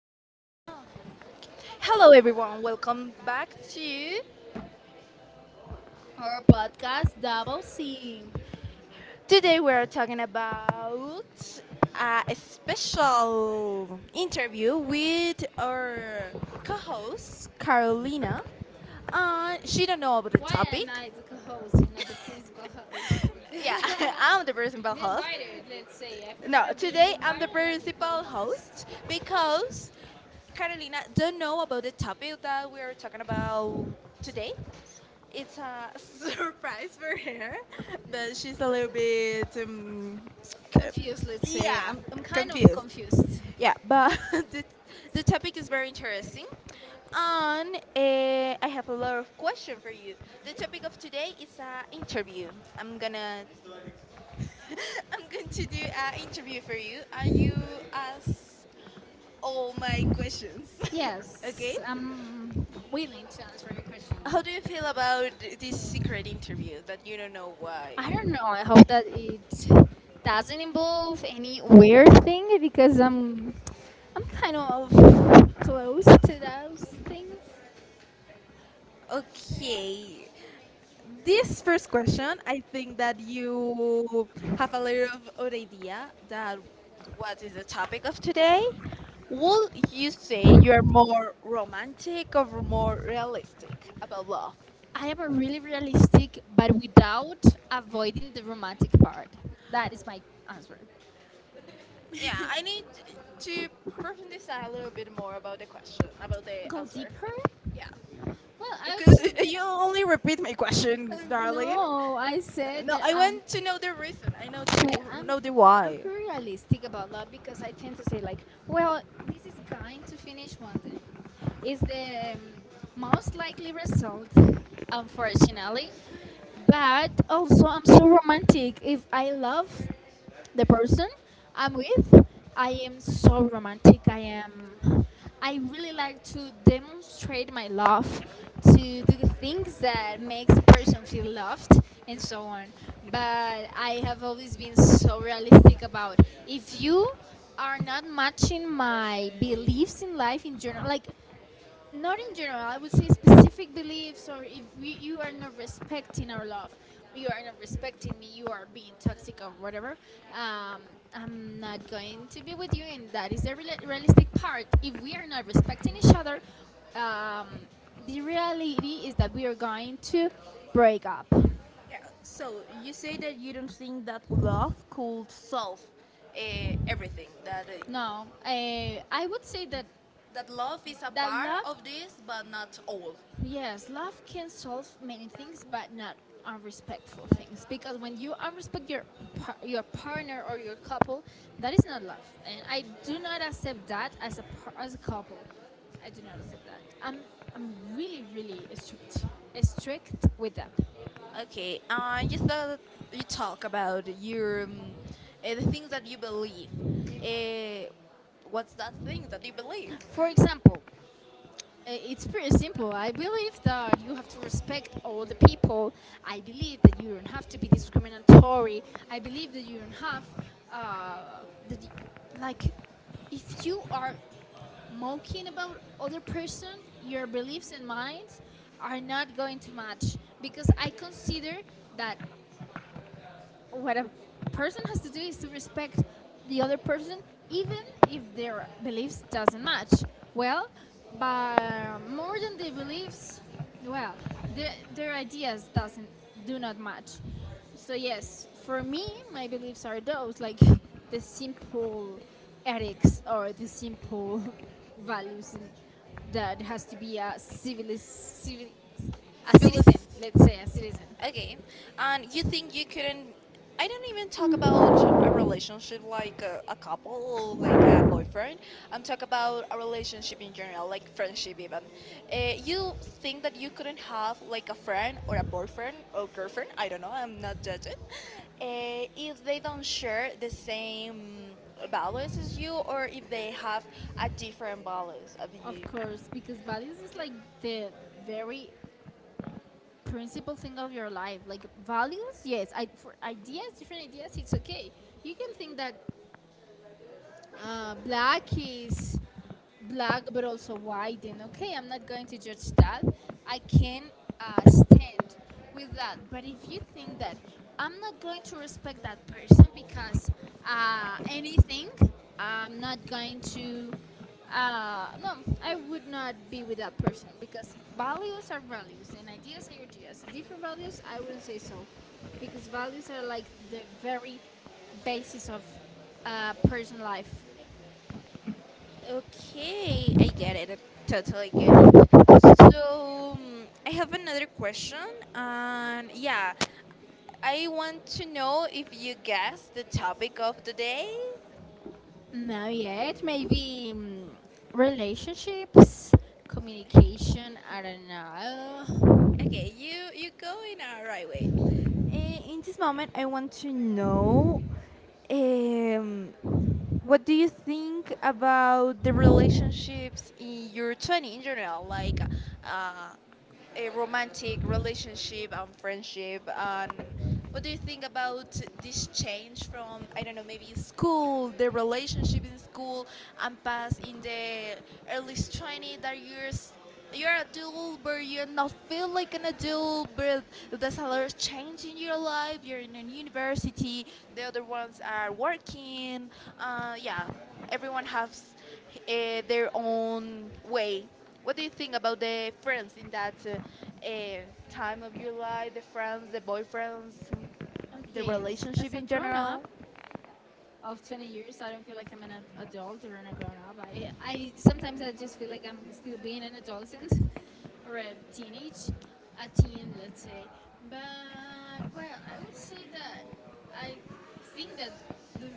smell. Hello, everyone. Welcome back to. Our podcast, Double C. Today we are talking about a special interview with our co-host Carolina. She don't know about the Why topic. am I the co-host and not the principal host? Yeah, I'm the principal the host. invited, let's say. I No, prefer being the today I'm the invited than the principal co-host. host because Carolina don't know about the topic that we are talking about today. It's a surprise for her, but she's a little bit, uh, Confused, let's say. yeah, I'm kind of confused. confused. Yeah, but the topic is very interesting. And I have a lot of questions for you. The topic of today is an interview. I'm gonna I'm going to do an interview for you. Are you ask all my questions? Okay. Yes, I'm willing to answer your question. How do you feel about this secret interview that you don't know why? I don't know. I hope that it doesn't involve any weird thing because I'm kind of close to those things. Okay. This first question, I think that you have a little of an idea that what is the topic of today. Would you say you are more romantic or more realistic about love? I am a really realistic, but without avoiding the romantic part. That is my answer. Yeah, I need to profundicize a little bit more about the question, about the Go Go answer. deeper? Deeper? Yeah. Well, I would Because was. say You only that. repeat my question, darling. No, I said No, that I I'm. want to know the reason. I know Well, to I'm know the I'm I'm Why. pretty realistic about that because I tend to say like, well, this is going to finish one day is the most likely result, unfortunately. But also, I'm so romantic. If I love the person I'm with, I am so romantic. I am. I really like to demonstrate my love, to do the things that makes a person feel loved, and so on. But I have always been so realistic about if you are not matching my beliefs in life in general. Like, not in general, I would say specific beliefs. Or if you are not respecting our love, you are not respecting me, you are being toxic or whatever. um, I'm not going to be with you, and that is the realistic part. If we are not respecting each other, um, the reality is that we are going to break up. Yeah. So you say that you don't think that love could solve uh, everything. That No, I would say that. that love is a That part of this, love- but not all. yes, love can solve many things, but not unrespectful things. Because when you unrespect your your partner or your couple, that is not love, and I do not accept that as a as a couple. I do not accept that. I'm really really strict with that. Okay. You thought you talk about your the things that you believe. Uh, what's that thing that you believe? For example, it's pretty simple. I believe that you have to respect all the people. I believe that you don't have to be discriminatory. I believe that you don't have uh, that y like if you are mocking about other person, your beliefs and minds are not going to match, because I consider that what a person has to do is to respect the other person, even if their beliefs doesn't match. Well, but more than the beliefs, well, their ideas doesn't do not match. So yes, for me, my beliefs are those, like the simple ethics or the simple values in, that has to be a civil, a As citizen, let's say, a citizen. okay, and you think you couldn't? I don't even talk about a relationship like a couple, or like a boyfriend. I'm talking about a relationship in general, like friendship even. You think that you couldn't have like a friend or a boyfriend or girlfriend? I don't know. I'm not judging. If they don't share the same values as you, or if they have a different values of Of you. course, because values is like the very principal thing of your life. Like values, yes. I For ideas, different ideas, it's okay. You can think that black is black, but also white. And okay, I'm not going to judge that. I can stand with that. But if you think that I'm not going to respect that person because anything, I'm not going to. No, I would not be with that person, because values are values and ideas are ideas. Different values, I wouldn't say so, because values are like the very basis of person life. Okay, I get it. I totally get it. So I have another question, and yeah, I want to know if you guessed the topic of the day. Not yet. Maybe relationships, communication. I don't know. Okay, you go in a right way. Eh, in this moment, I want to know um, what do you think about the relationships in your 20 in general, like uh, a romantic relationship and friendship. And what do you think about this change from I don't know maybe school, the relationship in school, and past in the early 20s. That you years. You're adult, but you're not feel like an adult. But there's a lot of change in your life. You're in a university. The other ones are working. Yeah, everyone has their own way what do you think about the friends in that time of your life? The friends, the boyfriends, the okay. Okay, as, Relationship as a in grown general? up of 20 years, I don't feel like I'm an adult or a grown up. I sometimes I just feel like I'm still being an adolescent or a teenage, a teen, let's say. But well, I would say that I think that the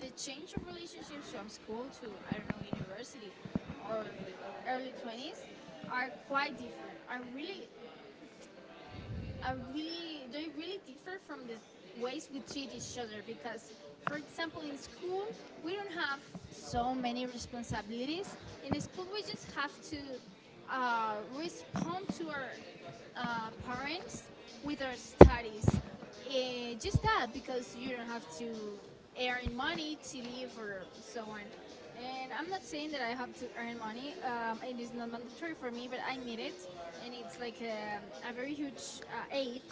the change of relationships from school to I don't know university or early 20s are quite different. Are really They really differ from the ways we treat each other because, for example, in school we don't have so many responsibilities. In school we just have to respond to our parents with our studies, just that, because you don't have to earn money to live or so on. And I'm not saying that I have to earn money. It is not mandatory for me, but I need it, and it's like a very huge aid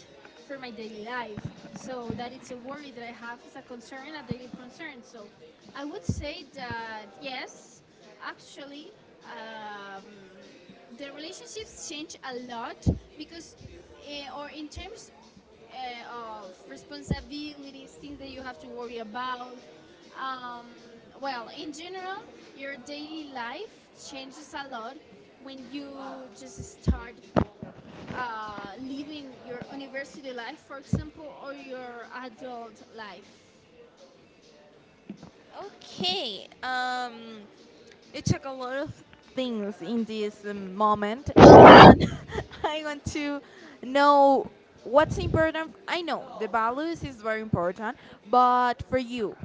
for my daily life. So that, it's a worry that I have, it's a concern, a daily concern. So I would say that yes, actually, um, the relationships change a lot, because or in terms of responsibilities, things that you have to worry about. um, well, in general, your daily life changes a lot when you just start living your university life, for example, or your adult life. Okay. You took a lot of things in this moment, and I want to know what's important. I know the values is very important, but for you,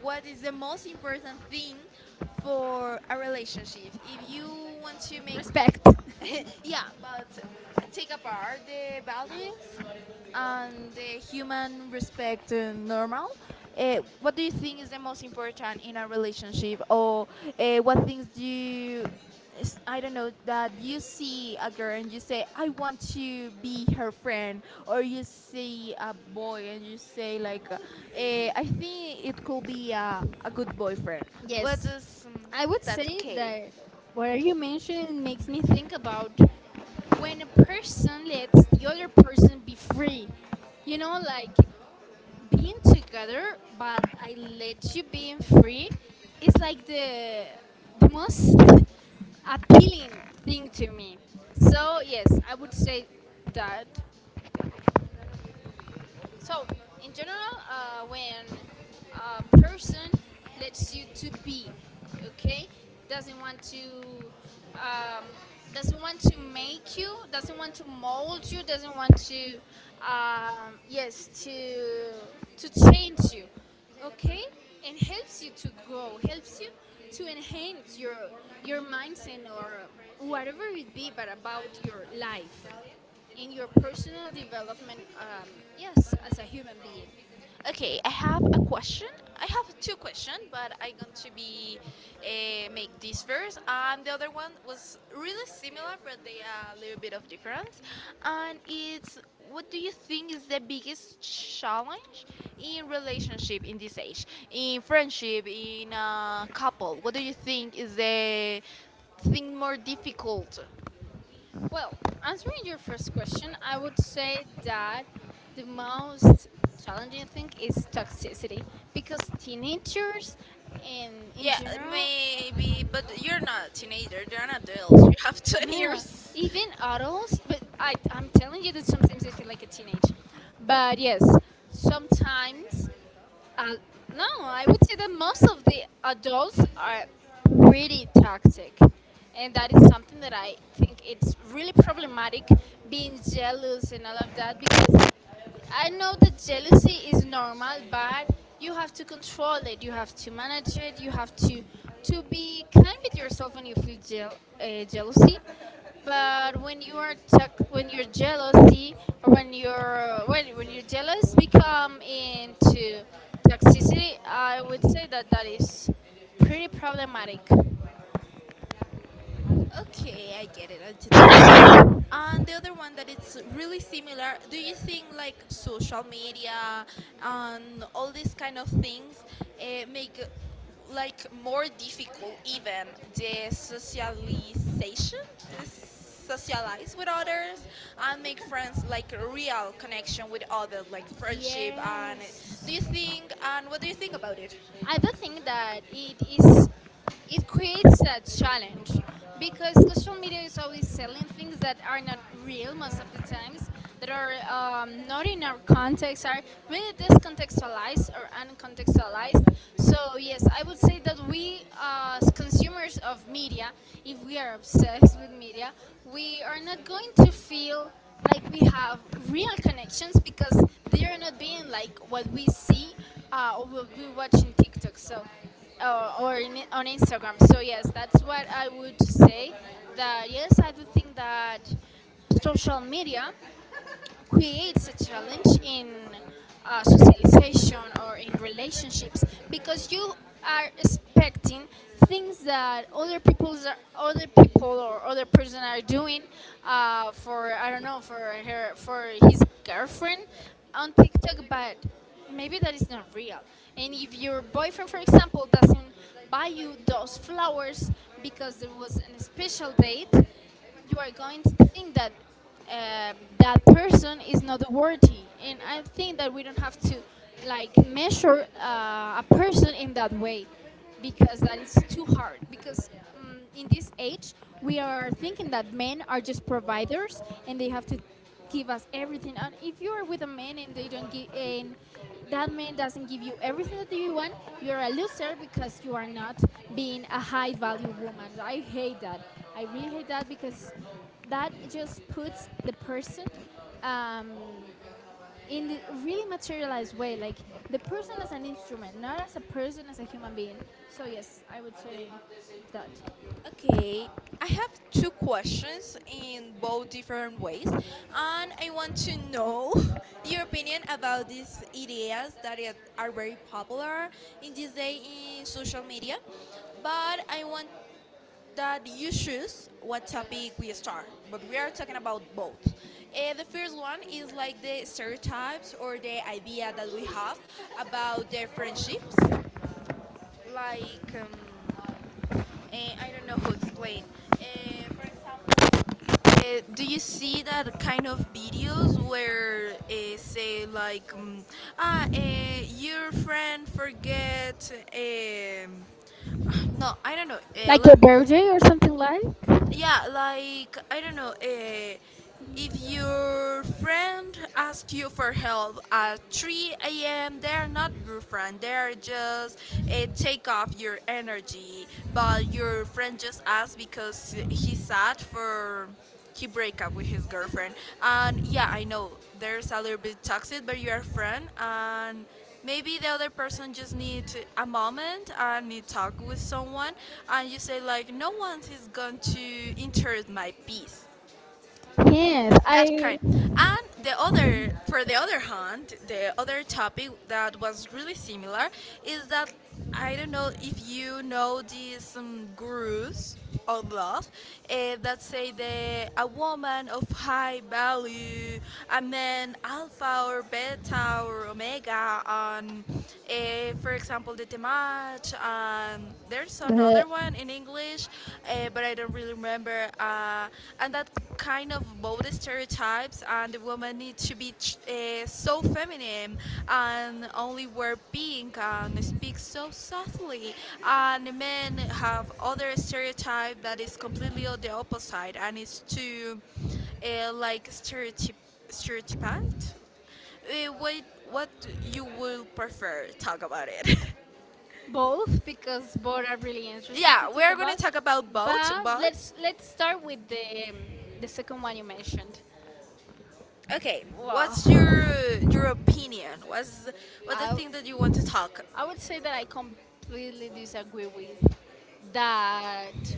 what is the most important thing for a relationship? If you want to make Respect. yeah, but take apart the values and the human respect normal. What do you think is the most important in a relationship, or what things do you, I don't know, that you see a girl and you say, I want to be her friend, or you see a boy and you say like, I think it could be a good boyfriend. Yes, Is I would say k? that what you mentioned makes me think about when a person lets the other person be free. Like being together, but I let you being free. It's like the most appealing thing to me. So yes, I would say that. So, in general, when a person lets you to be, okay, doesn't want to, um, doesn't want to make you, doesn't want to mold you, doesn't want to, yes, to change you, okay, and helps you to grow, helps you to enhance your mindset, or whatever it be, but about your life, in your personal development, yes, as a human being? Okay, I have a question. I have two questions, but I'm going to be make this first, and the other one was really similar, but they are a little bit of difference. And it's what do you think is the biggest challenge in relationship in this age, in friendship, in a couple? What do you think is the thing more difficult? Well, answering your first question, I would say that the most challenging thing is toxicity, because teenagers and in Yeah, general, maybe, but you're not a teenager. You're an adult. You have 20 yeah, years. even adults. But I'm telling you that sometimes I feel like a teenage. But yes, sometimes. Uh, no, I would say that most of the adults are really toxic. And that is something that I think it's really problematic. Being jealous and all of that, because I know that jealousy is normal, but you have to control it. You have to manage it. You have to be kind with yourself when you feel jealousy. But when you are when your jealousy, or when you're when your jealous become into toxicity, I would say that that is pretty problematic. Okay, I get it. I totally and the other one that it's really similar, do you think like social media and all these kind of things make like more difficult even the socialization, the socialize with others and make friends like a real connection with others, like friendship and Yes. do you think and what do you think about it? I do think that it creates a challenge, because social media is always selling things that are not real most of the times, that are not in our context, are really discontextualized or uncontextualized. So yes, I would say that we, as consumers of media, if we are obsessed with media, we are not going to feel like we have real connections, because they are not being like what we see, or will be watching TikTok, so on Instagram. So yes, that's what I would say. That yes, I do think that social media creates a challenge in socialization or in relationships, because you are expecting things that other people or other person are doing, for I don't know, for her, for his girlfriend on TikTok. But maybe that is not real. And if your boyfriend, for example, doesn't buy you those flowers because there was an special date, you are going to think that that person is not worthy. And I think that we don't have to, like, measure a person in that way, because that is too hard. Because in this age we are thinking that men are just providers, and they have to give us everything. And if you are with a man and they don't give, and that man doesn't give you everything that you want, you're a loser because you are not being a high value woman. I hate that. I really hate that, because that just puts the person, um, in the really materialized way, like the person as an instrument, not as a person, as a human being. So yes, I would say that. Okay, I have two questions in both different ways, and I want to know your opinion about these ideas that are very popular in this day in social media. But I want that you choose what topic we start, but we are talking about both. Eh, the first one is like the stereotypes or the idea that we have about the friendships. Like, I don't know how to explain. Eh, for example, do you see that kind of videos where say like your friend forget um, no I don't know Like your birthday or something like? yeah like I don't know if your friend asks you for help at 3 a.m. they're not your friend they're just take off your energy but your friend just asked because he's sad for he break up with his girlfriend and yeah I know there's a little bit toxic but you're a friend and maybe the other person just need a moment and need talk with someone and you say like no one is going to interrupt my peace Yes, that I. kind. And the other, for the other hand, the other topic that was really similar is that I don't know if you know these gurus of love that say the a woman of high value, a man alpha or beta or omega, and for example, the temach. There's Bleh. another one in English, but I don't really remember. And that kind of both stereotypes, and the woman needs to be so feminine and only wear pink and speak so softly. And the men have other stereotype that is completely on the opposite, and it's to like stereotypant uh, what what you will prefer? Talk about it. Both, because both are really interesting to Yeah, we talk are gonna about. talk about both, But but let's start with the the second one you mentioned. okay. What's Wow, your opinion? What's the I thing that you want to talk? I would say that I completely disagree with that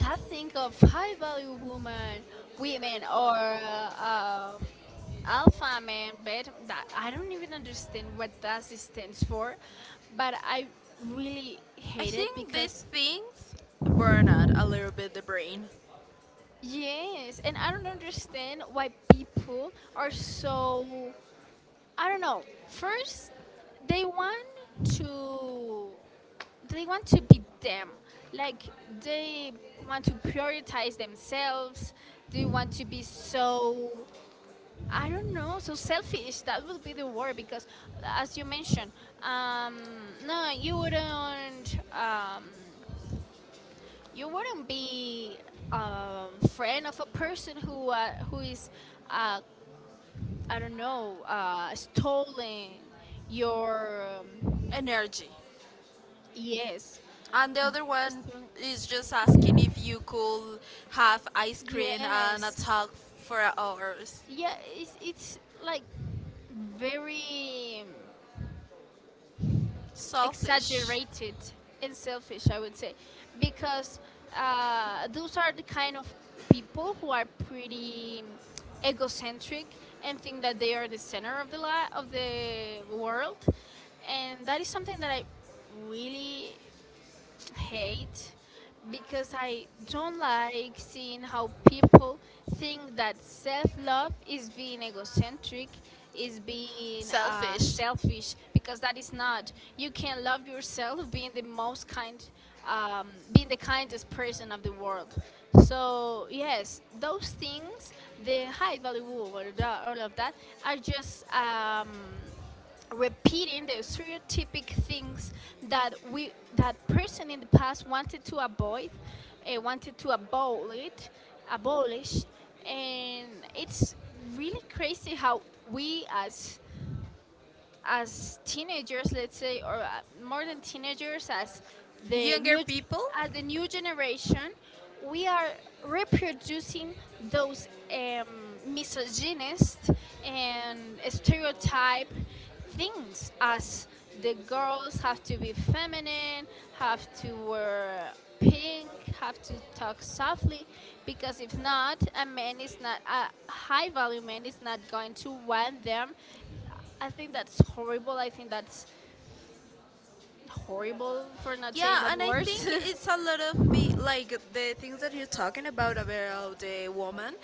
that thing of high value women, or alpha men, but that I don't even understand what that stands for, but I really I hate it think these because. things burn out a little bit the brain, Yes, and I don't understand why people are so, I don't know. First, they want to they want to be them. Like, they want to prioritize themselves. They want to be so, I don't know, so selfish. That would be the word because, as you mentioned, no, you wouldn't. You wouldn't be a friend of a person who is, uh, I don't know, stolen your. energy, Yes. and the other one Stole-. is just asking if you could have ice cream and a Yes. talk for hours. Yeah, it's like very Selfish. exaggerated and selfish, I would say, because those are the kind of people who are pretty egocentric and think that they are the center of the of the world. And that is something that I really hate, because I don't like seeing how people think that self love is being egocentric, is being selfish, because that is not. You can love yourself being the most kind, being the kindest person of the world. So, yes, those things, the high value woo, all of that are just. Repeating the stereotypic things that we that person in the past wanted to avoid, wanted to abolish and it's really crazy how we as teenagers, let's say, or more than teenagers, as the Younger new g- as the new generation, we are reproducing those misogynist and stereotype things, as the girls have to be feminine, have to wear pink, have to talk softly, because if not, a high value man is not going to want them. I think that's horrible. I think that's horrible, for not saying yeah, but and I worse. think it's a lot of be like the things that you're talking about the woman.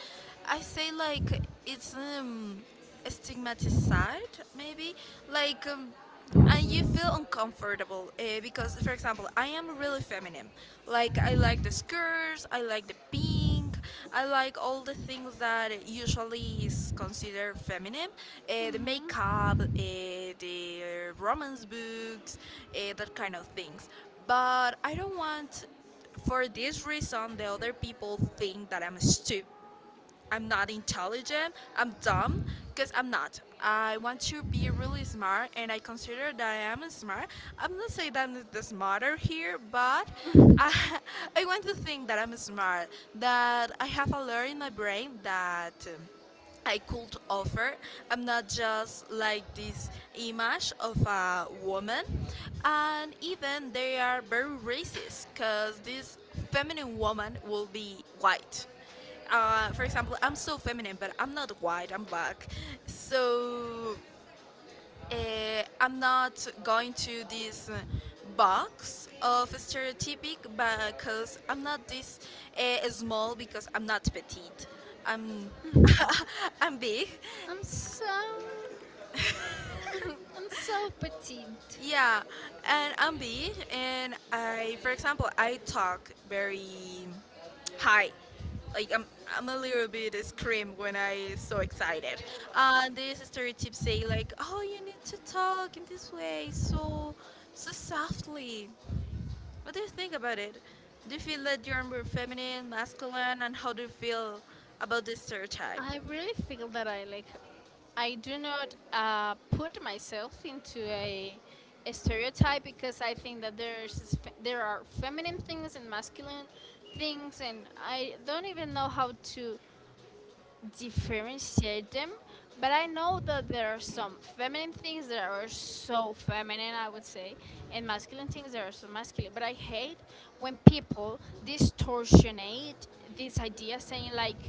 I say like it's stigmatized maybe like. And you feel uncomfortable because, for example, I am really feminine. Like I like the skirts, I like the pink, think I like all the things that usually is considered feminine. The makeup, the romance books, that kind of things. But I don't want, for this reason, the other people think that I'm stupid I'm not intelligent, I'm dumb, because I'm not. I want to be really smart, and I consider that I am smart. I'm not saying that I'm the smarter here, but I, I want to think that I'm smart, that I have a lot in my brain that. Um, I could offer. I'm not just like this image of a woman. And even they are very racist because this feminine woman will be white. For example, I'm so feminine, but I'm not white. I'm black, so I'm not going to this box of stereotypic because I'm not this small because I'm not petite. I'm I'm big, I'm so I'm so petite. yeah, and I'm big, and I, for example, I talk very high. Like I'm, I'm a little bit scream when I so excited. And these stereotypes say like, oh, you need to talk in this way, so, so softly. What do you think about it? Do you feel that you're more feminine, masculine, and how do you feel about this stereotype? I really feel that I do not put myself into a stereotype, because I think that there are feminine things and masculine things, and I don't even know how to differentiate them, but I know that there are some feminine things that are so feminine, I would say, and masculine things that are so masculine. But I hate when people distortionate this idea, saying like,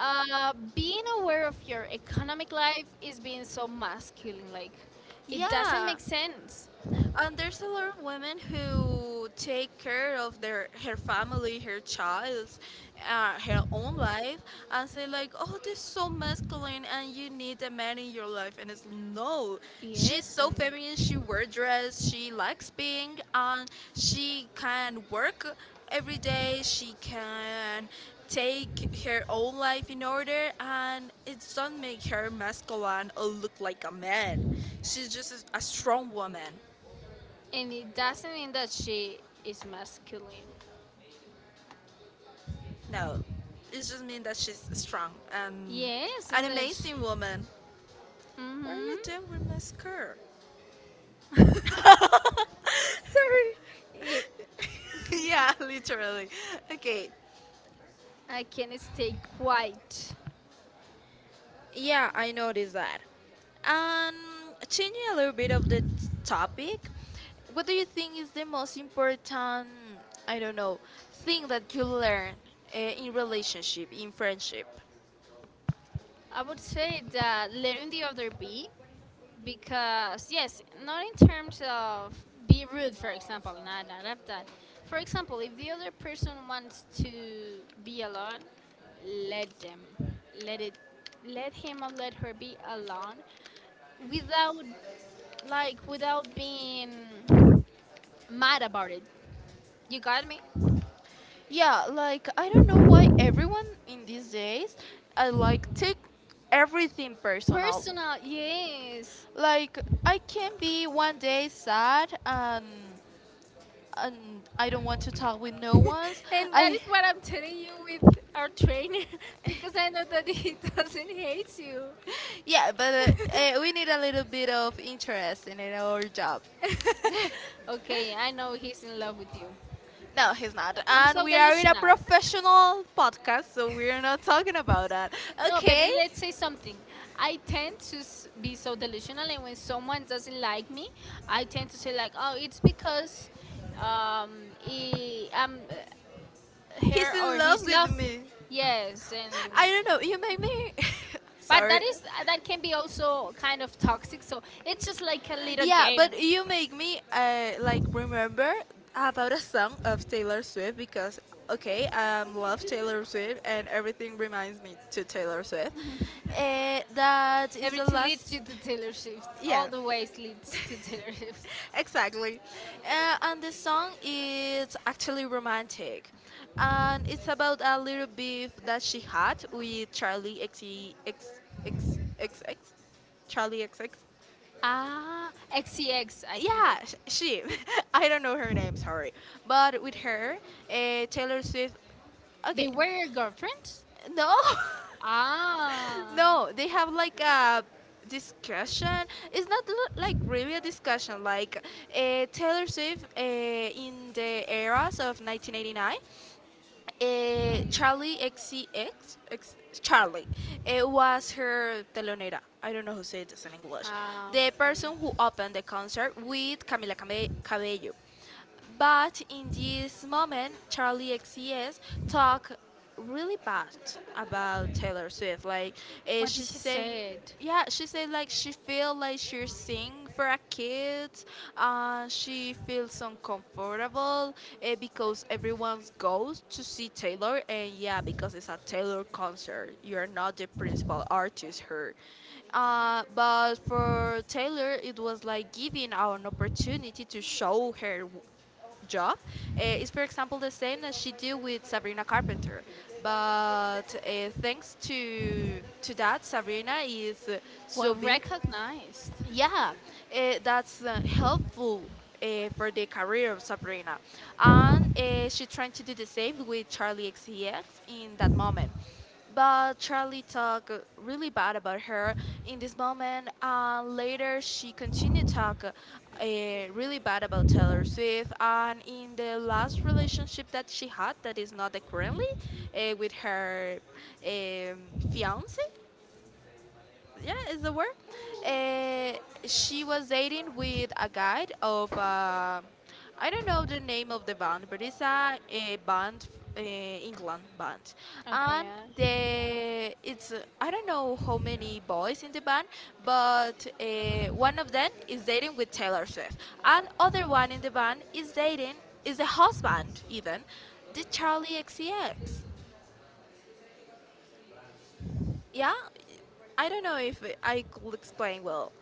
being aware of your economic life is being so masculine. Like, it doesn't Yeah, make sense. and there's a lot of women who take care of their her family, her child, her own life, and say like, "Oh, this is so masculine, and you need a man in your life." And it's no, she's Yes, so feminine. She wear dress. She likes being, and she can work every day. She can take her own life in order and it doesn't make her masculine or look like a man she's just a strong woman and it doesn't mean that she is masculine. no, it just means that she's strong. Yes, An and that she, amazing woman. What are you doing mm-hmm. with my skirt? Sorry. Eh, Yeah, literally. Okay. I can stay quiet. Yeah, I noticed that. Um, Changing a little bit of the topic, what do you think is the most important? I don't know thing that you learn in relationship, in friendship. I would say that letting the other be, because yes, not in terms of be rude, for example, not of that. For example, if the other person wants to be alone, let them, let it, let him or let her be alone, without, like, without being mad about it. You got me? Yeah, like I don't know why everyone in these days I like take everything personal. Personal, yes. Like I can be one day sad and I don't want to talk with no ones. And that I is what I'm telling you with our trainer because I know that he doesn't hate you. yeah, but we need a little bit of interest in our job. Okay, I know he's in love with you. No, he's not. I'm And so we are in a delusional. professional podcast, so we're not talking about that. No, but Okay. let's say something. I tend to be so delusional, and when someone doesn't like me, I tend to say like, "Oh, it's because he, He's her in or love his with love." me. Yes, and I don't know. You make me. but that Sorry. is that can be also kind of toxic. So it's just like a little game. You make me like remember about a song of Taylor Swift because okay, I love Taylor Swift and everything reminds me to Taylor Swift. That is the Everything leads last. you to Taylor Swift. All Yeah, the ways leads to Taylor Swift. exactly. And the song is actually romantic. And it's about a little beef that she had with X, X, X, X, Charlie X X. Ah, XCX, think this. She. I don't know her name, sorry. But with her, Taylor Swift. They Okay, were your girlfriends. no. Ah, No, they have like a discussion. It's not l- Like really a discussion. Like Taylor Swift in the eras of 1989, Charlie XCX, Charlie, it was her telonera. I don't know who said this in English. ah. The person who Okay. opened the concert with Cabello. But in this moment, Charlie XCX talk really bad about Taylor Swift. Like, What did she she said, said? yeah, she said like she feel like she sing for a kid. She feels uncomfortable because everyone goes to see Taylor, and yeah, because it's a Taylor concert. You are not the principal artist here. But for Taylor, it was like giving an opportunity to show her job is, for example, the same that she did with Sabrina Carpenter. But thanks to that, Sabrina is so Well, big, recognized. yeah, that's helpful for the career of Sabrina. And she tried to do the same with Charlie XCX in that moment. But Charlie talked really bad about her in this moment, and later she continued talk really bad about Taylor Swift. And in the last relationship that she had, that is not the currently, with her um, fiance, yeah, is the word. Uh, she was dating with a guy of I don't know the name of the band, but it's a band, England band, and Okay. the it's I don't know how many boys in the band, but one of them is dating with Taylor Swift, and other one in the band is dating is the husband even, the Charlie XCX. Yeah, I don't know if I could explain well.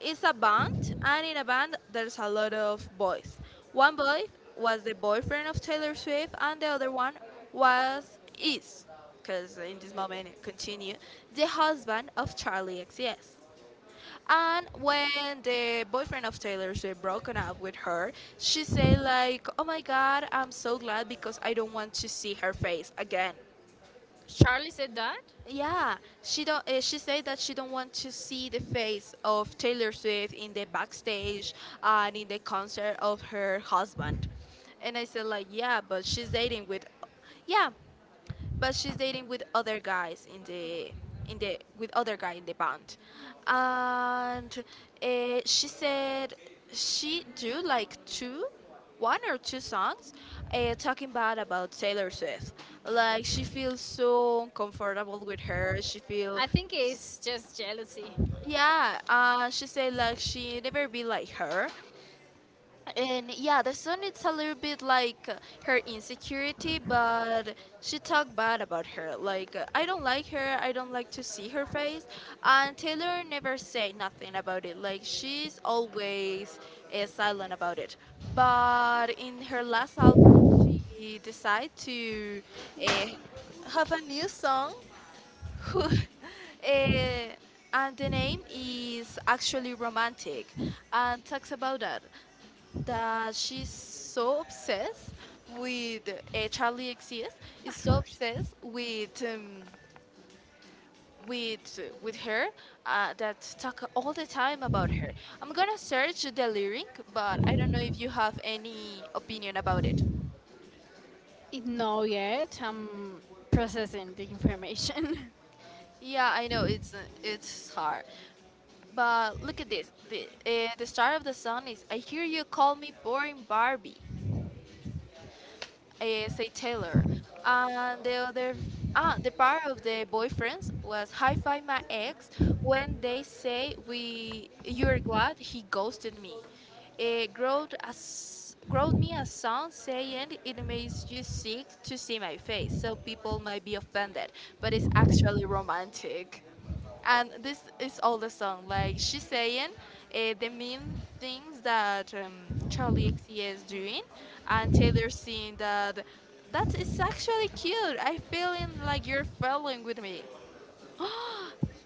It's a band, and in a band, there's a lot of boys. One boy was the boyfriend of Taylor Swift, and the other one was is, because in this moment it continue, the husband of Charlie XCX. And when the boyfriend of Taylor Swift broken up with her, she said like, "Oh my God, I'm so glad because I don't want to see her face again." Charlie said that? Yeah, she don't. She said that she don't want to see the face of Taylor Swift in the backstage and in the concert of her husband. And I said like, yeah, but she's dating with, yeah, but she's dating with other guys in the with other guy in the band and she said she do like two one or two songs talking bad about Taylor Swift, like she feels so uncomfortable with her she feel I think it's just jealousy. yeah she said like she never be like her and yeah, the son it's a little bit like her insecurity, but she talked bad about her. Like I don't like her. I don't like to see her face. And Taylor never say nothing about it. Like she's always silent about it. But in her last album, she decided to uh, have a new song. Who, uh, and the name is actually romantic and talks about that she's so obsessed with Charlie XCX I is don't so understand. obsessed with her that talk all the time about her. I'm gonna search the lyric, but I don't know if you have any opinion about it. It— no, yet. I'm processing the information. Yeah, I know it's hard, but look at this. The start of the song is "I hear you call me boring Barbie," say Taylor. And the other, the part of the boyfriends was "Hi Fi My Ex" when they say we you're glad he ghosted me. It growed as growed me a song saying it makes you sick to see my face, so people might be offended, but it's actually romantic and this is all the song. Like she's saying the mean things that Charlie XCX is doing, and Taylor seeing that that is actually cute. I feeling like you're following with me.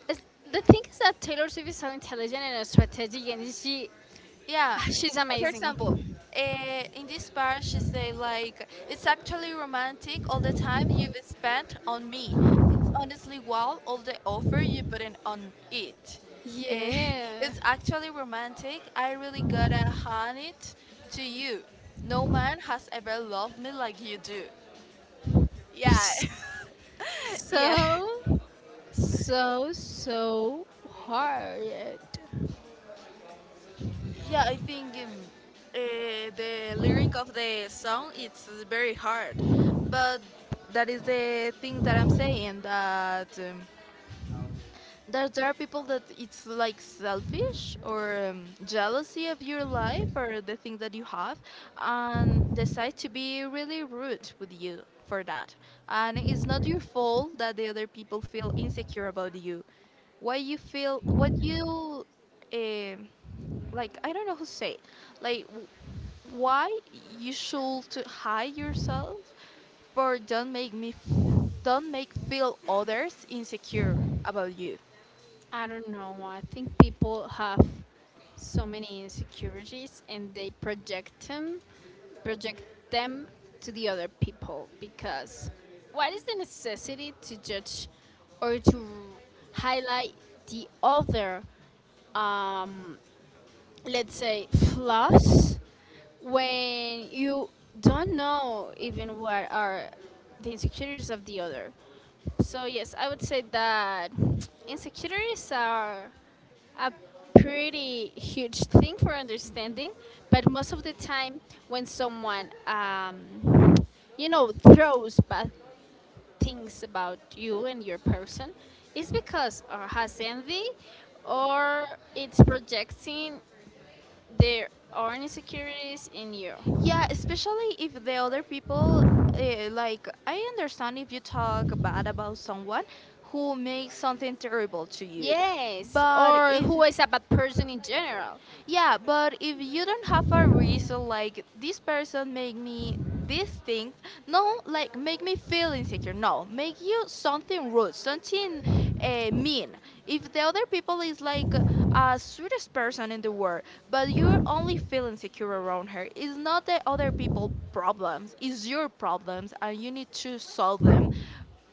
It's, the thing is that Taylor Swift is so intelligent and so strategic, and she, Yeah. ah, she's For example, amazing. In this part she say like it's actually romantic all the time you've spent on me. It's honestly wow all the offer you put in on it. Eh, Yeah. it's actually romantic. I really gotta hand it to you. No man has ever loved me like you do. Yeah, yeah. So so so hard. Yeah. I think the lyric of the song it's very hard, but that is the thing that I'm saying that. There are people that it's like selfish or jealousy of your life or the thing that you have and decide to be really rude with you for that, and it's not your fault that the other people feel insecure about you. Why you feel what you um like I don't know how to say it. like w- why you should to hide yourself for don't don't make feel others insecure about you. I don't know. I think people have so many insecurities and they project them to the other people, because what is the necessity to judge or to highlight the other, um, let's say, flaws, when you don't know even what are the insecurities of the other? So, yes, I would say that insecurities are a pretty huge thing for understanding, but most of the time when someone, you know, throws bad things about you and your person, it's because or has envy or it's projecting their own insecurities in you. Yeah, especially if the other people like I understand if you talk bad about someone who makes something terrible to you. Yes, But or if who is a bad person in general. yeah, but if you don't have a reason like this person made me this things. No, like make me feel insecure. No, make you something rude, something mean. If the other people is like a sweetest person in the world, but you only feel insecure around her, it's not the other people problems. It's your problems, and you need to solve them.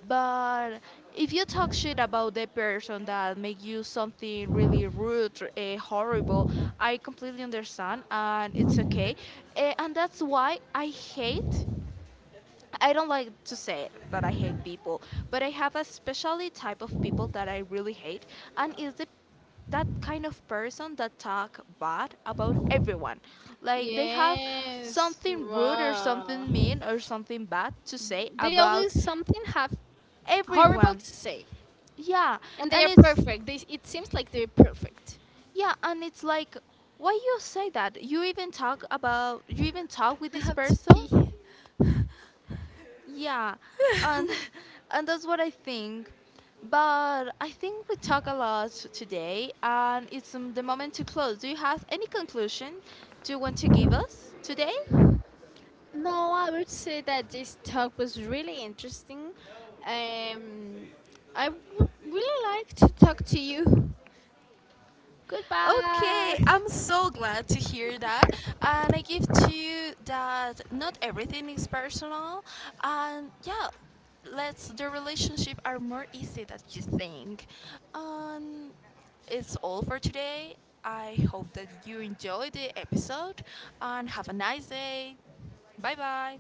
But if you talk shit about the person that make you something really rude, horrible, I completely understand, and it's okay. And that's why I don't like to say it that I hate people, but I have a specially type of people that I really hate, and is the that kind of person that talk bad about everyone. Like they have Yes. something rude or Wow, something mean or something bad to say they about always something have horrible everyone. to say. Yeah, And they and are it's perfect. They, it seems like they're perfect. yeah, and it's like why you say that? You even talk about you even talk with I this have to person. pee. Yeah, and and that's what I think. But I think we talk a lot today, and it's the moment to close. Do you have any conclusion do you want to give us today? No, I would say that this talk was really interesting. Um, I would really like to talk to you. Okay, Goodbye. I'm so glad to hear that. And I give to you that not everything is personal. And yeah, let's the relationship are more easy than you think. And it's all for today. I hope that you enjoy the episode and have a nice day. Bye bye.